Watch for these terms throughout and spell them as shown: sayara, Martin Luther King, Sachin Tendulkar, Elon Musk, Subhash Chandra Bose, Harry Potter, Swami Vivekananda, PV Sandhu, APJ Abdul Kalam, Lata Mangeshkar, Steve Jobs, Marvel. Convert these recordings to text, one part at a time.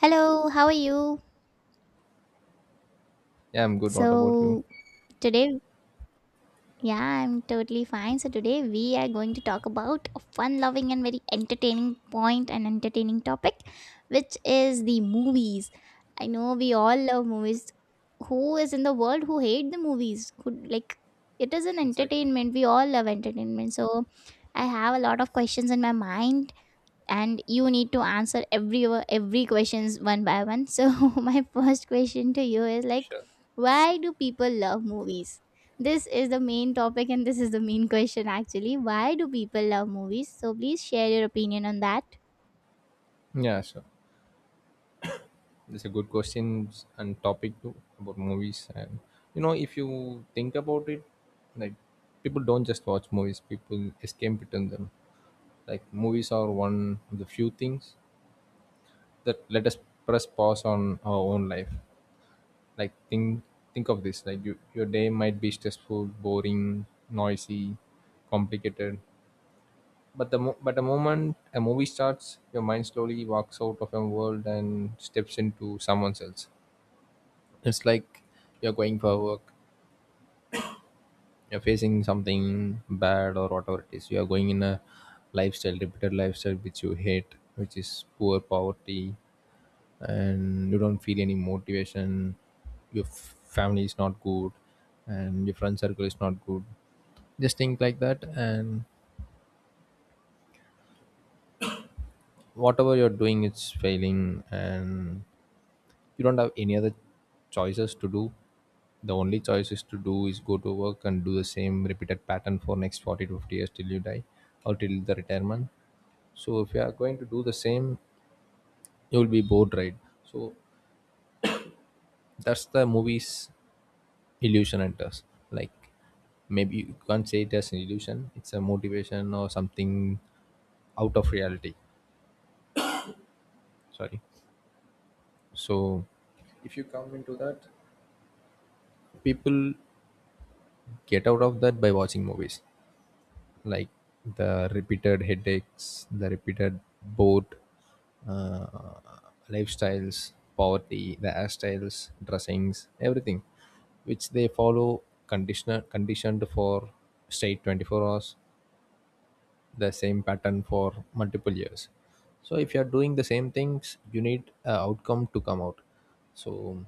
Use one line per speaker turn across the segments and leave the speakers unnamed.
Hello, how are you?
Yeah, I'm good. What about you?
So, today, yeah, I'm totally fine. So today we are going to talk about a fun loving and very entertaining point and entertaining topic, which is the movies. I know we all love movies. Who is in the world who hate the movies? Who like it is an
Exactly.
entertainment. We all love entertainment. So I have a lot of questions in my mind, and you need to answer every questions one by one, so my first question to you is like,
Sure.
why do people love movies? This is the main topic, and this is the main question. Actually, why do people love movies? So please share your opinion on that.
Yeah, sure. That's a good question and topic too about movies. And you know, if you think about it, like, people don't just watch movies; people escape between them. Like movies are one of the few things that let us press pause on our own life. Like think of this: like you, your day might be stressful, boring, noisy, complicated, but the moment a movie starts, your mind slowly walks out of your world and steps into someone else. It's like you're going for work, you're facing something bad or whatever it is. You are going in a lifestyle, repeated lifestyle which you hate, which is poor poverty, and you don't feel any motivation. Your family is not good, and your friend circle is not good. Just think like that, and whatever you're doing, it's failing, and you don't have any other choices to do. The only choice is to do is go to work and do the same repeated pattern for next 40 to 50 years till you die, or till the retirement. So if you are going to do the same, you will be bored, right? So that's the movie's illusion and enters. Like, maybe you can't say it as an illusion, it's a motivation or something out of reality. Sorry. So if you come into that, people get out of that by watching movies. Like, the repeated headaches, the repeated bored uh, lifestyles, poverty, the hairstyles, dressings, everything, which they follow conditioner conditioned for straight 24 hours, the same pattern for multiple years. So if you are doing the same things, you need a outcome to come out. So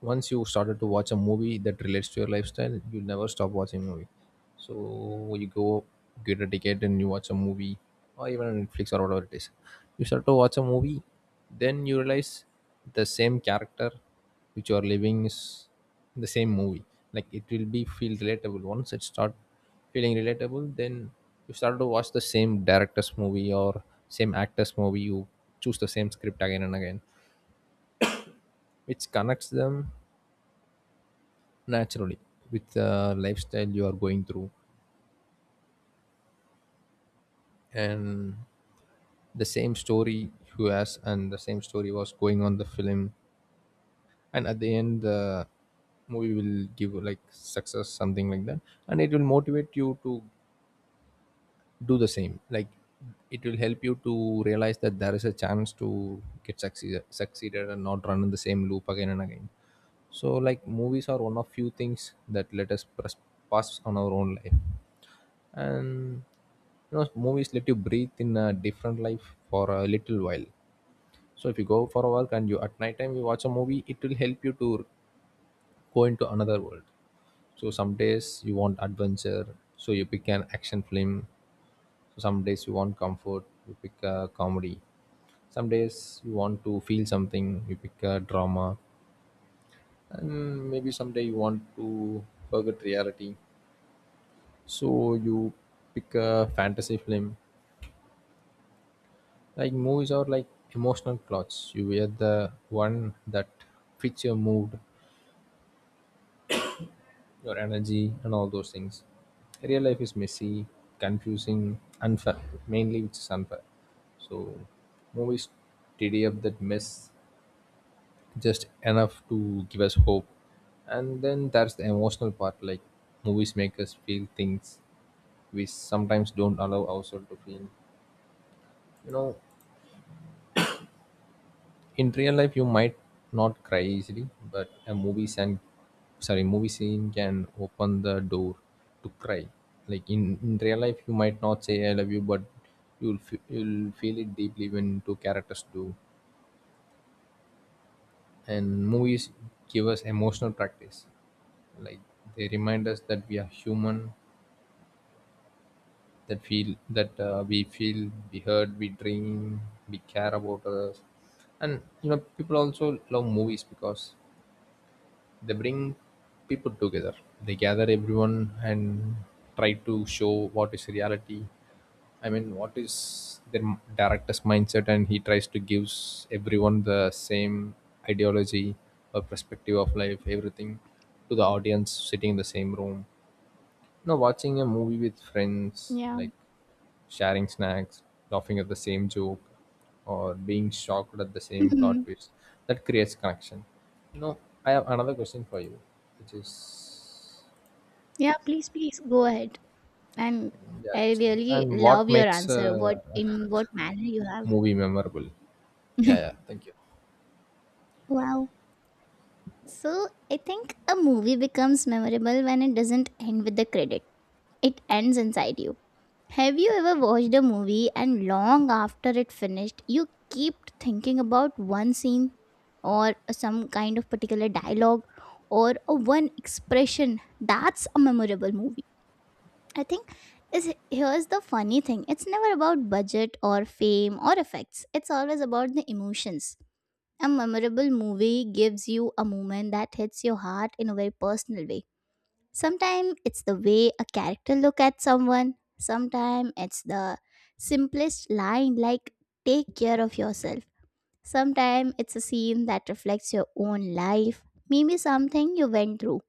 once you started to watch a movie that relates to your lifestyle, you never stop watching movie. So you go get a ticket and you watch a movie, or even on Netflix or whatever it is. You start to watch a movie, then you realize the same character which you are living is the same movie. Like it will be feel relatable. Once it start feeling relatable, then you start to watch the same director's movie or same actor's movie. You choose the same script again and again, which connects them naturally with the lifestyle you are going through, and the same story you has and the same story was going on the film, and at the end the movie will give like success something like that, and it will motivate you to do the same. Like, it will help you to realize that there is a chance to get succeed, succeeded, and not run in the same loop again and again. So, like, movies are one of few things that let us press, pass on our own life. And you know, movies let you breathe in a different life for a little while. So if you go for a walk and you at night time you watch a movie, it will help you to go into another world. So some days you want adventure, so you pick an action film. So some days you want comfort, you pick a comedy. Some days you want to feel something, you pick a drama. And maybe someday you want to forget reality, so you pick a fantasy film. Like movies are like emotional clothes. You wear the one that fits your mood, your energy, and all those things. Real life is messy, confusing, unfair. Mainly, which is unfair. So, movies tidy up that mess just enough to give us hope. And then there's the emotional part. Like movies make us feel things we sometimes don't allow ourselves to feel. You know, in real life you might not cry easily, but a movie scene, sorry, movie scene can open the door to cry. Like, in real life you might not say I love you, but you'll feel it deeply when two characters do. And movies give us emotional practice. Like, they remind us that we are human, that feel that we feel, we heard, we dream, we care about us. And you know, people also love movies because they bring people together. They gather everyone and try to show what is reality. I mean, what is their director's mindset, and he tries to give everyone the same ideology or perspective of life, everything, to the audience sitting in the same room. No, watching a movie with friends,
Yeah.
like sharing snacks, laughing at the same joke, or being shocked at the same plot
Mhm.
twist, that creates connection. No, I have another question for you, which is,
Yeah, please go ahead. And
yeah,
I
just one.
really
And what
love your
makes
answer. What,
a
in what manner you have?
movie memorable? Yeah, yeah, thank you.
Wow. So I think a movie becomes memorable when it doesn't end with the credit. It ends inside you. Have you ever watched a movie and long after it finished, you keep thinking about one scene or some kind of particular dialogue or a one expression? That's a memorable movie. I think is here's the funny thing. It's never about budget or fame or effects. It's always about the emotions. A memorable movie gives you a moment that hits your heart in a very personal way. Sometimes it's the way a character look at someone. Sometimes it's the simplest line, like, take care of yourself. Sometimes it's a scene that reflects your own life. Maybe something you went through,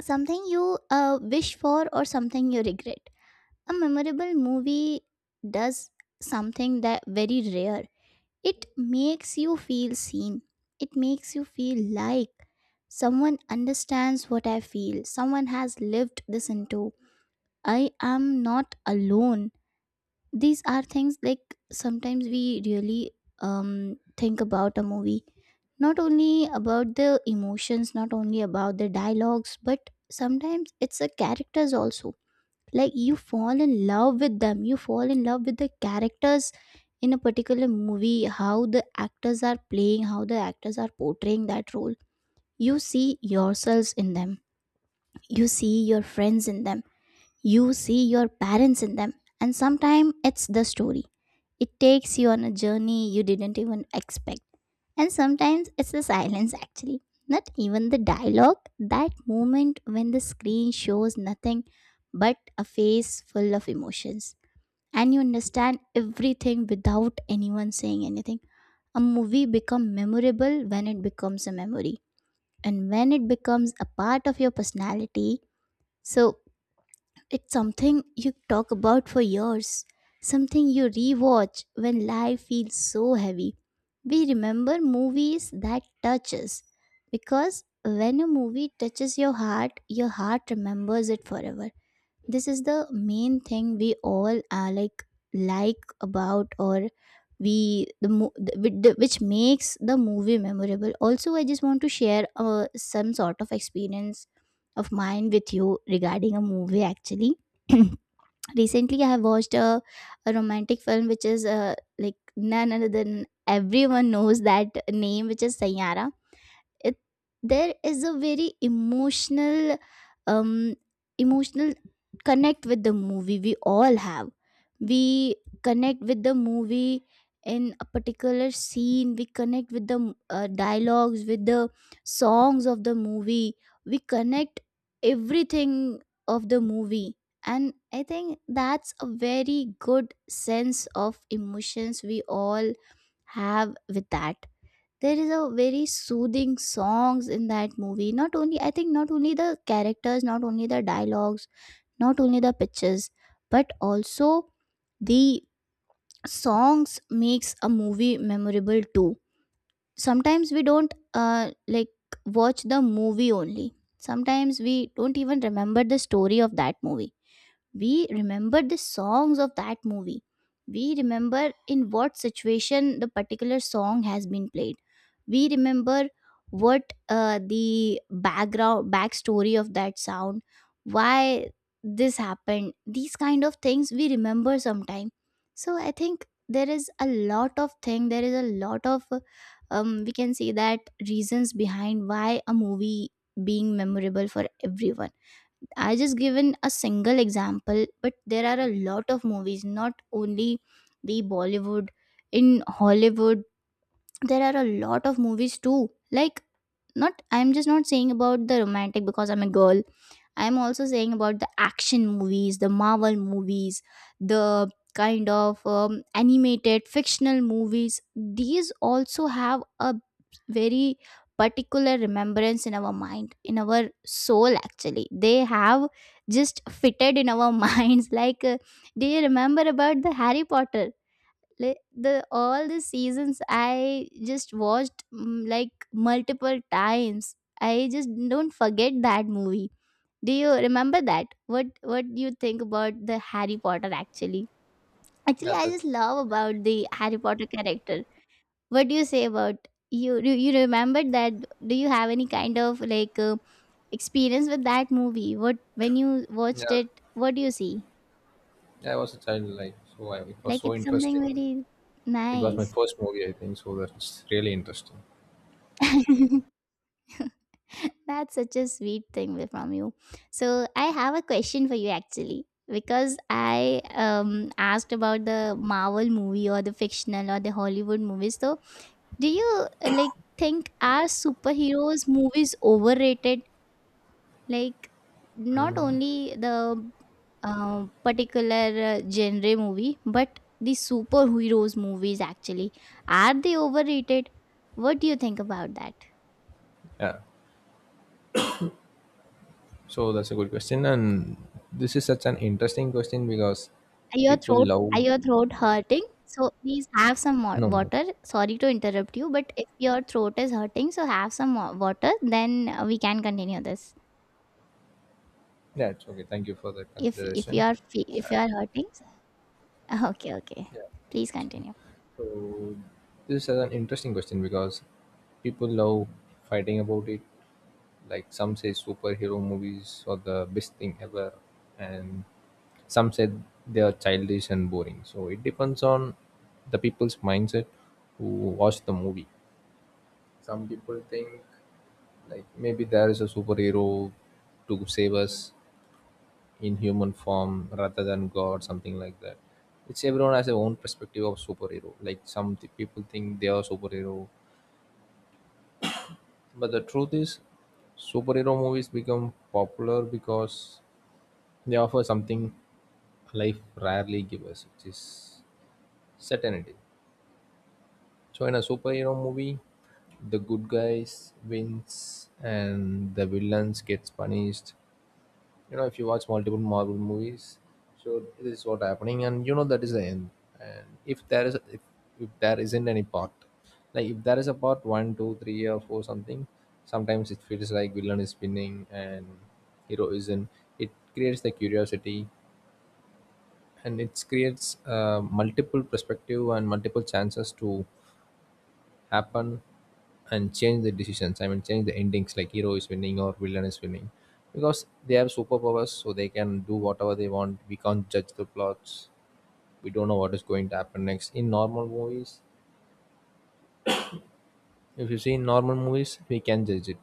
something you wish for, or something you regret. A memorable movie does something that very rare. It makes you feel seen. It makes you feel like someone understands what I feel, someone has lived this into. I am not alone. These are things like, sometimes we really um think about a movie, not only about the emotions, not only about the dialogues, but sometimes it's the characters also. Like, you fall in love with them. You fall in love with the characters in a particular movie. How the actors are playing, how the actors are portraying that role. You see yourselves in them. You see your friends in them. You see your parents in them. And sometimes it's the story. It takes you on a journey you didn't even expect. And sometimes it's the silence, actually. Not even the dialogue. That moment when the screen shows nothing but a face full of emotions, and you understand everything without anyone saying anything. A movie becomes memorable when it becomes a memory, and when it becomes a part of your personality. So it's something you talk about for years, something you rewatch when life feels so heavy. We remember movies that touch us, because when a movie touches your heart, your heart remembers it forever. This is the main thing we all are like about, or we the, mo- the with the- which makes the movie memorable. Also, I just want to share some sort of experience of mine with you regarding a movie, actually. Recently, I have watched a romantic film, which is like, none other than everyone knows that name, which is Sayara. It, there is a very emotional um emotional connect with the movie we all have. We connect with the movie in a particular scene. We connect with the dialogues, with the songs of the movie. We connect everything of the movie. And I think that's a very good sense of emotions we all have with that. There is a very soothing songs in that movie. Not only, I think, not only the characters, not only the dialogues, not only the pictures, but also the songs makes a movie memorable too. Sometimes we don't like watch the movie only. Sometimes we don't even remember the story of that movie. We remember the songs of that movie. We remember in what situation the particular song has been played. We remember what the background backstory of that sound. Why this happened, these kind of things we remember sometime. So I think there is a lot of thing, there is a lot of we can say that reasons behind why a movie being memorable for everyone. I just given a single example, but there are a lot of movies, not only the Bollywood, in Hollywood, there are a lot of movies too. Like, not, I'm just not saying about the romantic because I'm a girl. I'm also saying about the action movies, the Marvel movies, the kind of animated fictional movies. These also have a very particular remembrance in our mind, in our soul. Actually, they have just fitted in our minds. Like, do you remember about the Harry Potter? Like, the all the seasons I just watched like multiple times. I just don't forget that movie. Do you remember that? What do you think about the Harry Potter, actually? Actually,
Yeah,
I
that's
just
that's
love
really great.
about the Harry Potter character. What do you say about you? Do you remember that? Do you have any kind of like experience with that movie? What, when you watched
Yeah,
it, what do you see?
yeah. I was a child, like, so. It was
Like,
so
it's something
interesting.
very
It was my
nice.
first movie, I think. So that's really interesting.
That's such a sweet thing from you. So I have a question for you, actually, because I asked about the Marvel movie or the fictional or the Hollywood movies. So do you like think, are superheroes movies overrated? Like, not only the particular genre movie, but the superheroes movies, actually, are they overrated? What do you think about that?
Yeah. So that's a good question, and this is such an interesting question because
Your
people
throat Are
love.
your throat hurting? So please have some more
No, no,
water. Sorry to interrupt you, but if your throat is hurting, so have some more water, then we can continue this.
yeah, it's okay. Thank you for the consideration.
If you are hurting, okay, okay,
Yeah,
please
it's okay.
continue.
So this is an interesting question because people love fighting about it. Like some say superhero movies are the best thing ever, and some said they are childish and boring. So it depends on the people's mindset who watch the movie. Some people think, like, maybe there is a superhero to save us in human form rather than God, something like that. It's everyone has their own perspective of superhero. Like some people think they are superhero, but the truth is, superhero movies become popular because they offer something life rarely gives us, which is certainty. So in a superhero movie, the good guys wins and the villains gets punished. You know, if you watch multiple Marvel movies, so this is what happening, and you know that is the end. And if there is if there isn't any part, like if there is a part one two three or four something, sometimes it feels like villain is spinning and hero isn't. It creates the curiosity, and it creates multiple perspective and multiple chances to happen and change the decisions. I mean, change the endings like hero is winning or villain is winning because they have superpowers, so they can do whatever they want. We can't judge the plots. We don't know what is going to happen next. In normal movies, if you see in normal movies, we can judge it.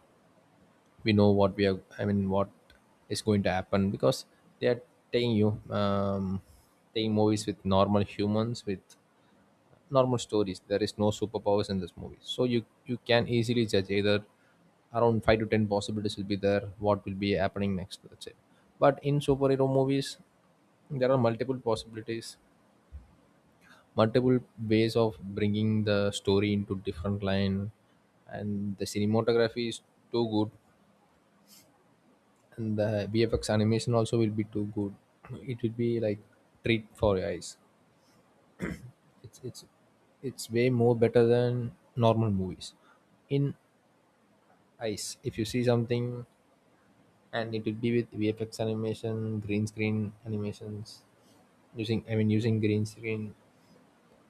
We know what we are. I mean, what is going to happen because they are taking you taking movies with normal humans with normal stories. There is no superpowers in this movie, so you can easily judge either around 5 to 10 possibilities will be there. What will be happening next? That's it. But in superhero movies, there are multiple possibilities, multiple ways of bringing the story into different line, and the cinematography is too good, and the VFX animation also will be too good. It will be like treat for your eyes. It's it's it's way more better than normal movies in eyes if you see something, and it will be with vfx animation green screen animations using, I mean, using green screen,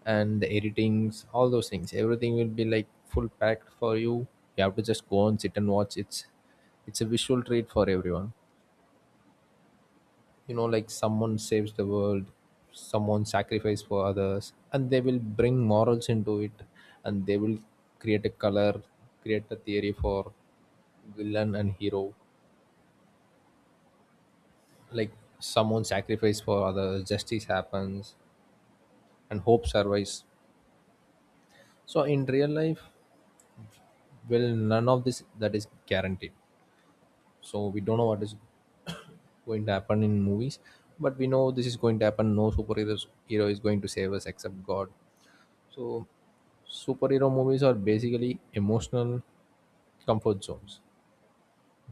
and the editings, all those things, everything will be like full packed for you. You have to just go and sit and watch. It's a visual treat for everyone. You know, like, someone saves the world, someone sacrifices for others, and they will bring morals into it, and they will create a color, create a theory for villain and hero. Like, someone sacrifice for others, justice happens, and hope survives. So in real life, well, none of this that is guaranteed. So we don't know what is going to happen in movies, but we know this is going to happen. No superhero hero is going to save us except God. So superhero movies are basically emotional comfort zones.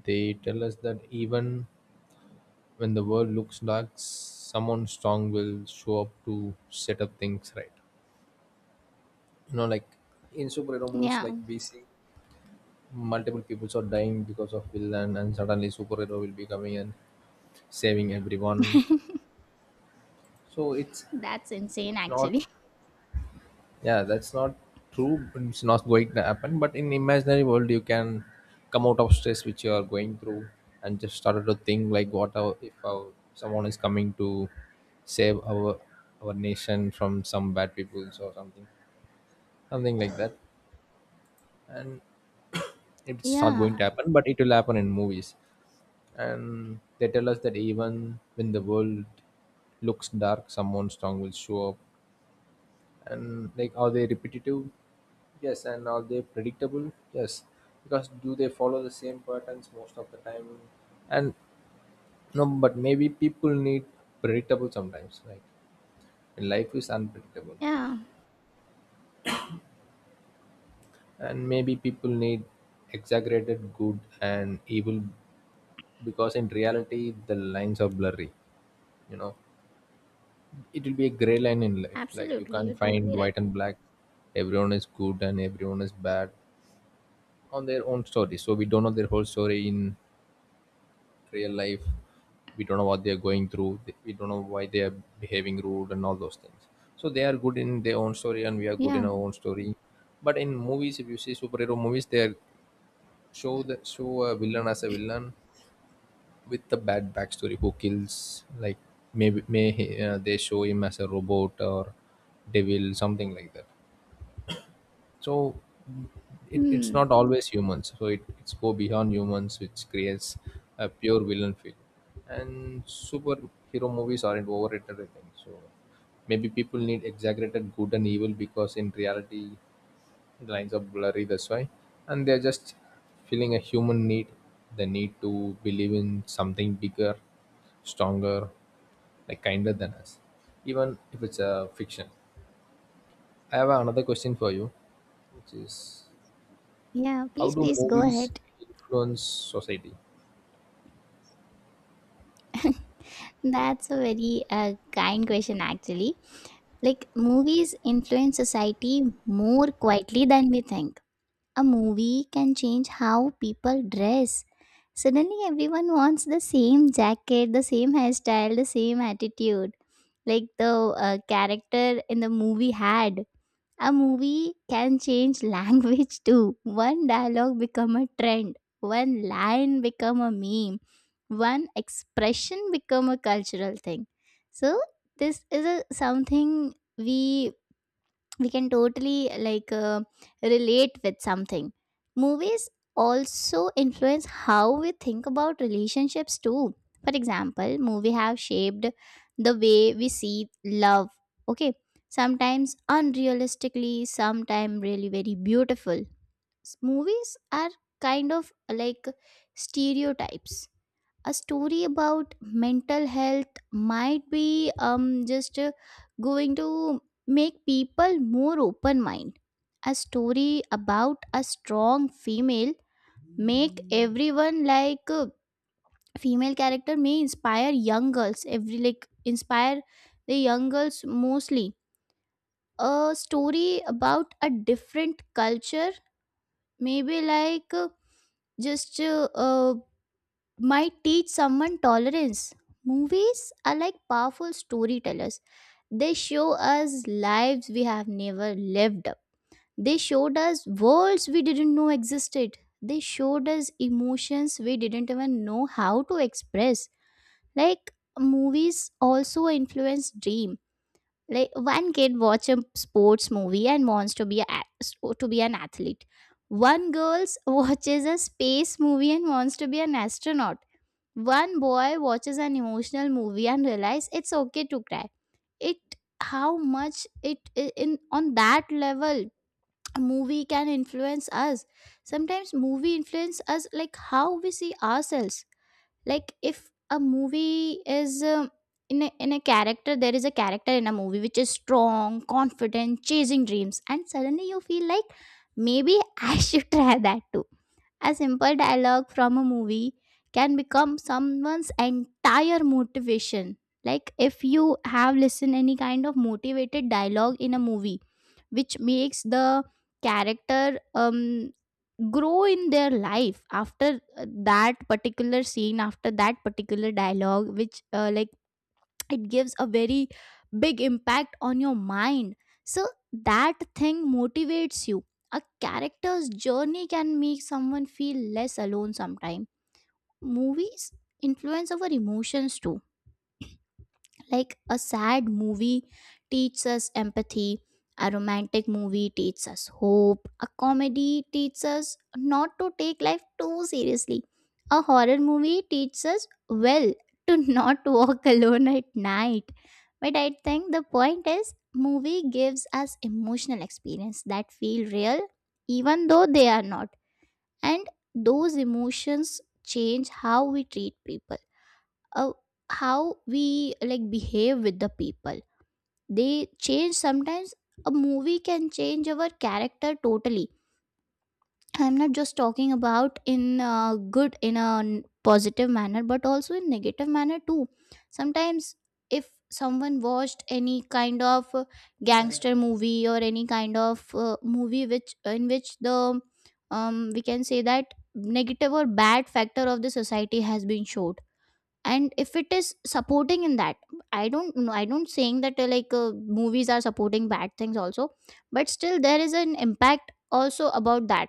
They tell us that even when the world looks dark, someone strong will show up to set up things right. You know, like in superhero movies,
Yeah.
like we see multiple people are dying because of villain and suddenly superhero will be coming and saving everyone. So it's
That's insane,
it's not,
actually.
yeah, that's not true. It's not going to happen, but in imaginary world you can come out of stress which you are going through and just started to think like if our someone is coming to save our nation from some bad people or something like that. And it's not
Yeah.
going to happen, but it will happen in movies. And they tell us that even when the world looks dark, someone strong will show up. And like, are they repetitive? Yes. And are they predictable? Yes. Because do they follow the same patterns most of the time? And no, but maybe people need predictable sometimes. Like life is unpredictable,
Yeah,
and maybe people need exaggerated good and evil because in reality the lines are blurry. You know, it will be a gray line in life, like you
absolutely.
can't
You're
find
totally right.
white and black. Everyone is good and everyone is bad on their own story, so we don't know their whole story in real life. We don't know what they are going through. We don't know why they are behaving rude and all those things. So they are good in their own story and we are good
Yeah.
in our own story. But in movies, if you see superhero movies, they are show the show a villain as a villain with the bad backstory who kills like maybe they show him as a robot or devil, something like that. So it's
Hmm.
not always humans, so it's go beyond humans, which creates a pure villain feel. And superhero movies aren't overrated, I think so. Maybe people need exaggerated good and evil because in reality the lines are blurry, that's why. And they're just feeling a human need, the need to believe in something bigger, stronger, like kinder than us, even if it's a fiction. I have another question for you, which is
Yeah,
how
please
do
please go
movies
ahead.
influence society?
That's a very uh, kind question, actually. Like, movies influence society more quietly than we think. A movie can change how people dress. Suddenly, everyone wants the same jacket, the same hairstyle, the same attitude, like the character in the movie had. A movie can change language too. One dialogue become a trend. One line become a meme. One expression become a cultural thing. So this is a something we can totally like relate with something. Movies also influence how we think about relationships too. For example, movie have shaped the way we see love. Okay, sometimes unrealistically, sometimes really very beautiful. Movies are kind of like stereotypes. A story about mental health might be just going to make people more open mind. A story about a strong female make everyone like female character may inspire young girls. Every, like, inspire the young girls mostly. A story about a different culture maybe like just might teach someone tolerance. Movies are like powerful storytellers. They show us lives we have never lived. They showed us worlds we didn't know existed. They showed us emotions we didn't even know how to express. Like, movies also influence dream. Like, one kid watch a sports movie and wants to be a, to be an athlete. One girl watches a space movie and wants to be an astronaut. One boy watches an emotional movie and realizes it's okay to cry. It, how much it in on that level a movie can influence us. Sometimes movie influence us like how we see ourselves. Like if a movie is in a character, there is a character in a movie which is strong, confident, chasing dreams, and suddenly you feel like, maybe I should try that too. A simple dialogue from a movie can become someone's entire motivation. Like, if you have listened any kind of motivated dialogue in a movie, which makes the character grow in their life after that particular scene, after that particular dialogue, which like, it gives a very big impact on your mind. So that thing motivates you. A character's journey can make someone feel less alone. Sometimes movies influence our emotions too. Like, a sad movie teaches us empathy, a romantic movie teaches us hope, a comedy teaches us not to take life too seriously, a horror movie teaches us, well, to not walk alone at night. But I think the point is, movie gives us emotional experience that feel real, even though they are not. And those emotions change how we treat people, uh, how we like behave with the people. They change sometimes. A movie can change our character totally. I'm not just talking about in good in a positive manner, but also in negative manner too. Sometimes if someone watched any kind of gangster movie or any kind of movie which in which the we can say that negative or bad factor of the society has been shown, and if it is supporting in that. I don't know, I don't saying that like movies are supporting bad things also, but still there is an impact also about that.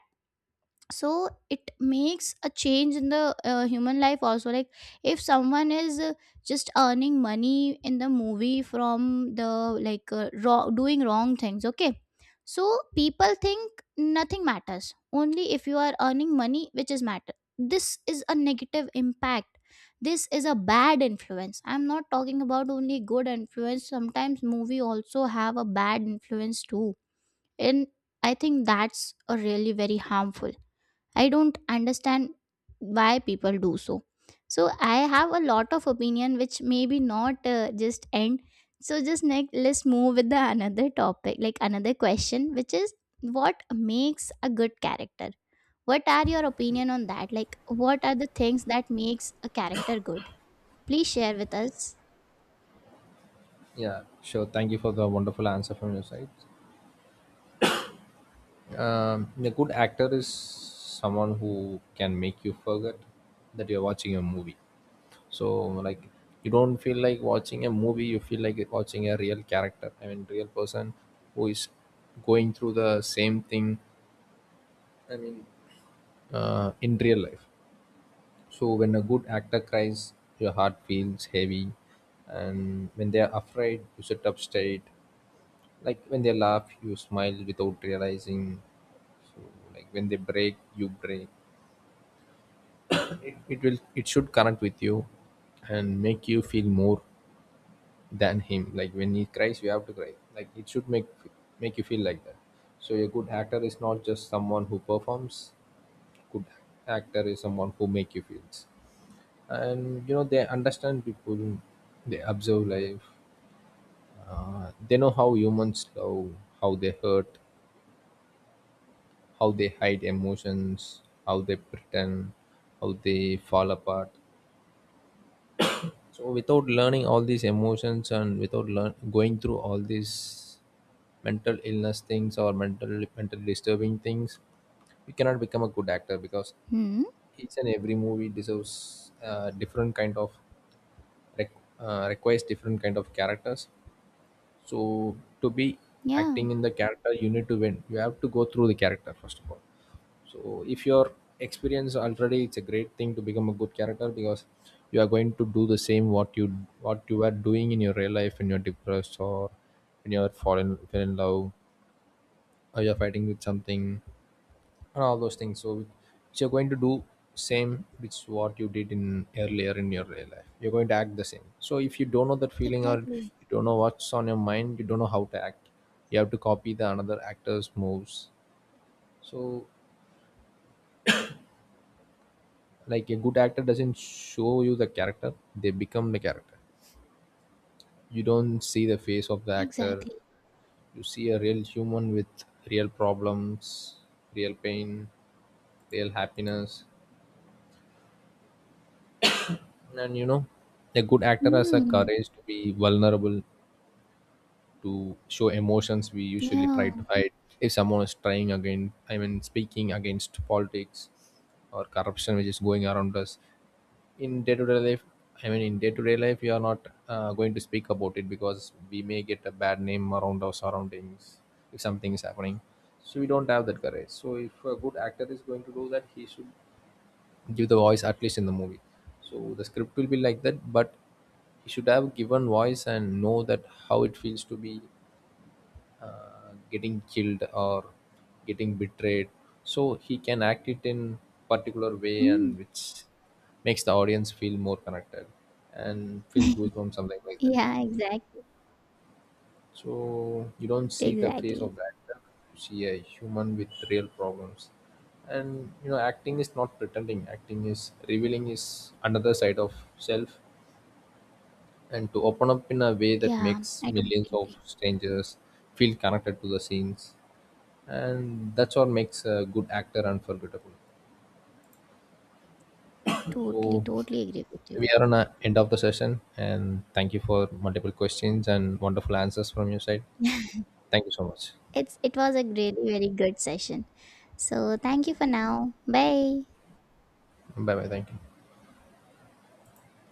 So it makes a change in the human life also. Like, if someone is just earning money in the movie from the like wrong, doing wrong things, okay, so people think nothing matters only if you are earning money, which is matter. This is a negative impact. This is a bad influence. I'm not talking about only good influence. Sometimes movie also have a bad influence too. And I think that's a really very harmful. I don't understand why people do so. So I have a lot of opinion, which maybe not just end. So just next, let's move with the another topic, like another question, which is, what makes a good character? What are your opinion on that? Like, what are the things that makes a character good? Please share with us.
Yeah, sure, thank you for the wonderful answer from your side. A good actor is someone who can make you forget that you're watching a movie. So like you don't feel like watching a movie, you feel like watching a real character, I mean real person, who is going through the same thing, I mean in real life. So when a good actor cries, your heart feels heavy, and when they are afraid you sit up straight, like when they laugh you smile without realizing. So like when they break, you break. It will, it should connect with you and make you feel more than him. Like when he cries, you have to cry. Like it should make make you feel like that. So a good actor is not just someone who performs. Good actor is someone who make you feel. And you know, they understand people. They observe life. They know how humans love, how they hurt, how they hide emotions, how they pretend, how they fall apart. So without learning all these emotions and without going through all these mental illness things or mentally disturbing things, we cannot become a good actor because
Hmm.
each and every movie deserves different kind of req- requires different kind of characters. So to be
Yeah,
acting in the character, you need to win. You have to go through the character first of all. So if you're experienced already, it's a great thing to become a good character because you are going to do the same what you are doing in your real life when you're depressed or when you're fallen fell in love, or you're fighting with something and all those things. So which you're going to do same which what you did in earlier in your real life, you're going to act the same. So if you don't know that feeling or
exactly.
you don't know what's on your mind, you don't know how to act. You have to copy the another actor's moves. So like a good actor doesn't show you the character, they become the character. You don't see the face of the actor.
Exactly.
You see a real human with real problems, real pain, real happiness. And you know, a good actor has a
Hmm.
courage to be vulnerable, to show emotions we usually try
Yeah.
to hide. If someone is trying again, I mean speaking against politics or corruption which is going around us in day-to-day life, I mean in day-to-day life we are not going to speak about it because we may get a bad name around our surroundings if something is happening. So we don't have that courage. So if a good actor is going to do that, he should give the voice at least in the movie, so the script will be like that. But he should have given voice and know that how it feels to be getting killed or getting betrayed, so he can act it in particular way,
Hmm.
and which makes the audience feel more connected and feel goosebumps, something like that.
Yeah, exactly.
So you don't see the face
Exactly.
of the actor, you see a human with real problems. And you know, acting is not pretending, acting is revealing his another side of self, and to open up in a way that
Yeah,
makes
I
millions
totally
of
agree.
strangers feel connected to the scenes. And that's what makes a good actor unforgettable.
Totally,
So
totally agree with
we
you.
are on the end of the session, and thank you for multiple questions and wonderful answers from your side. Thank you so much.
It was a really very good session. So thank you for now. Bye.
Bye bye, thank you.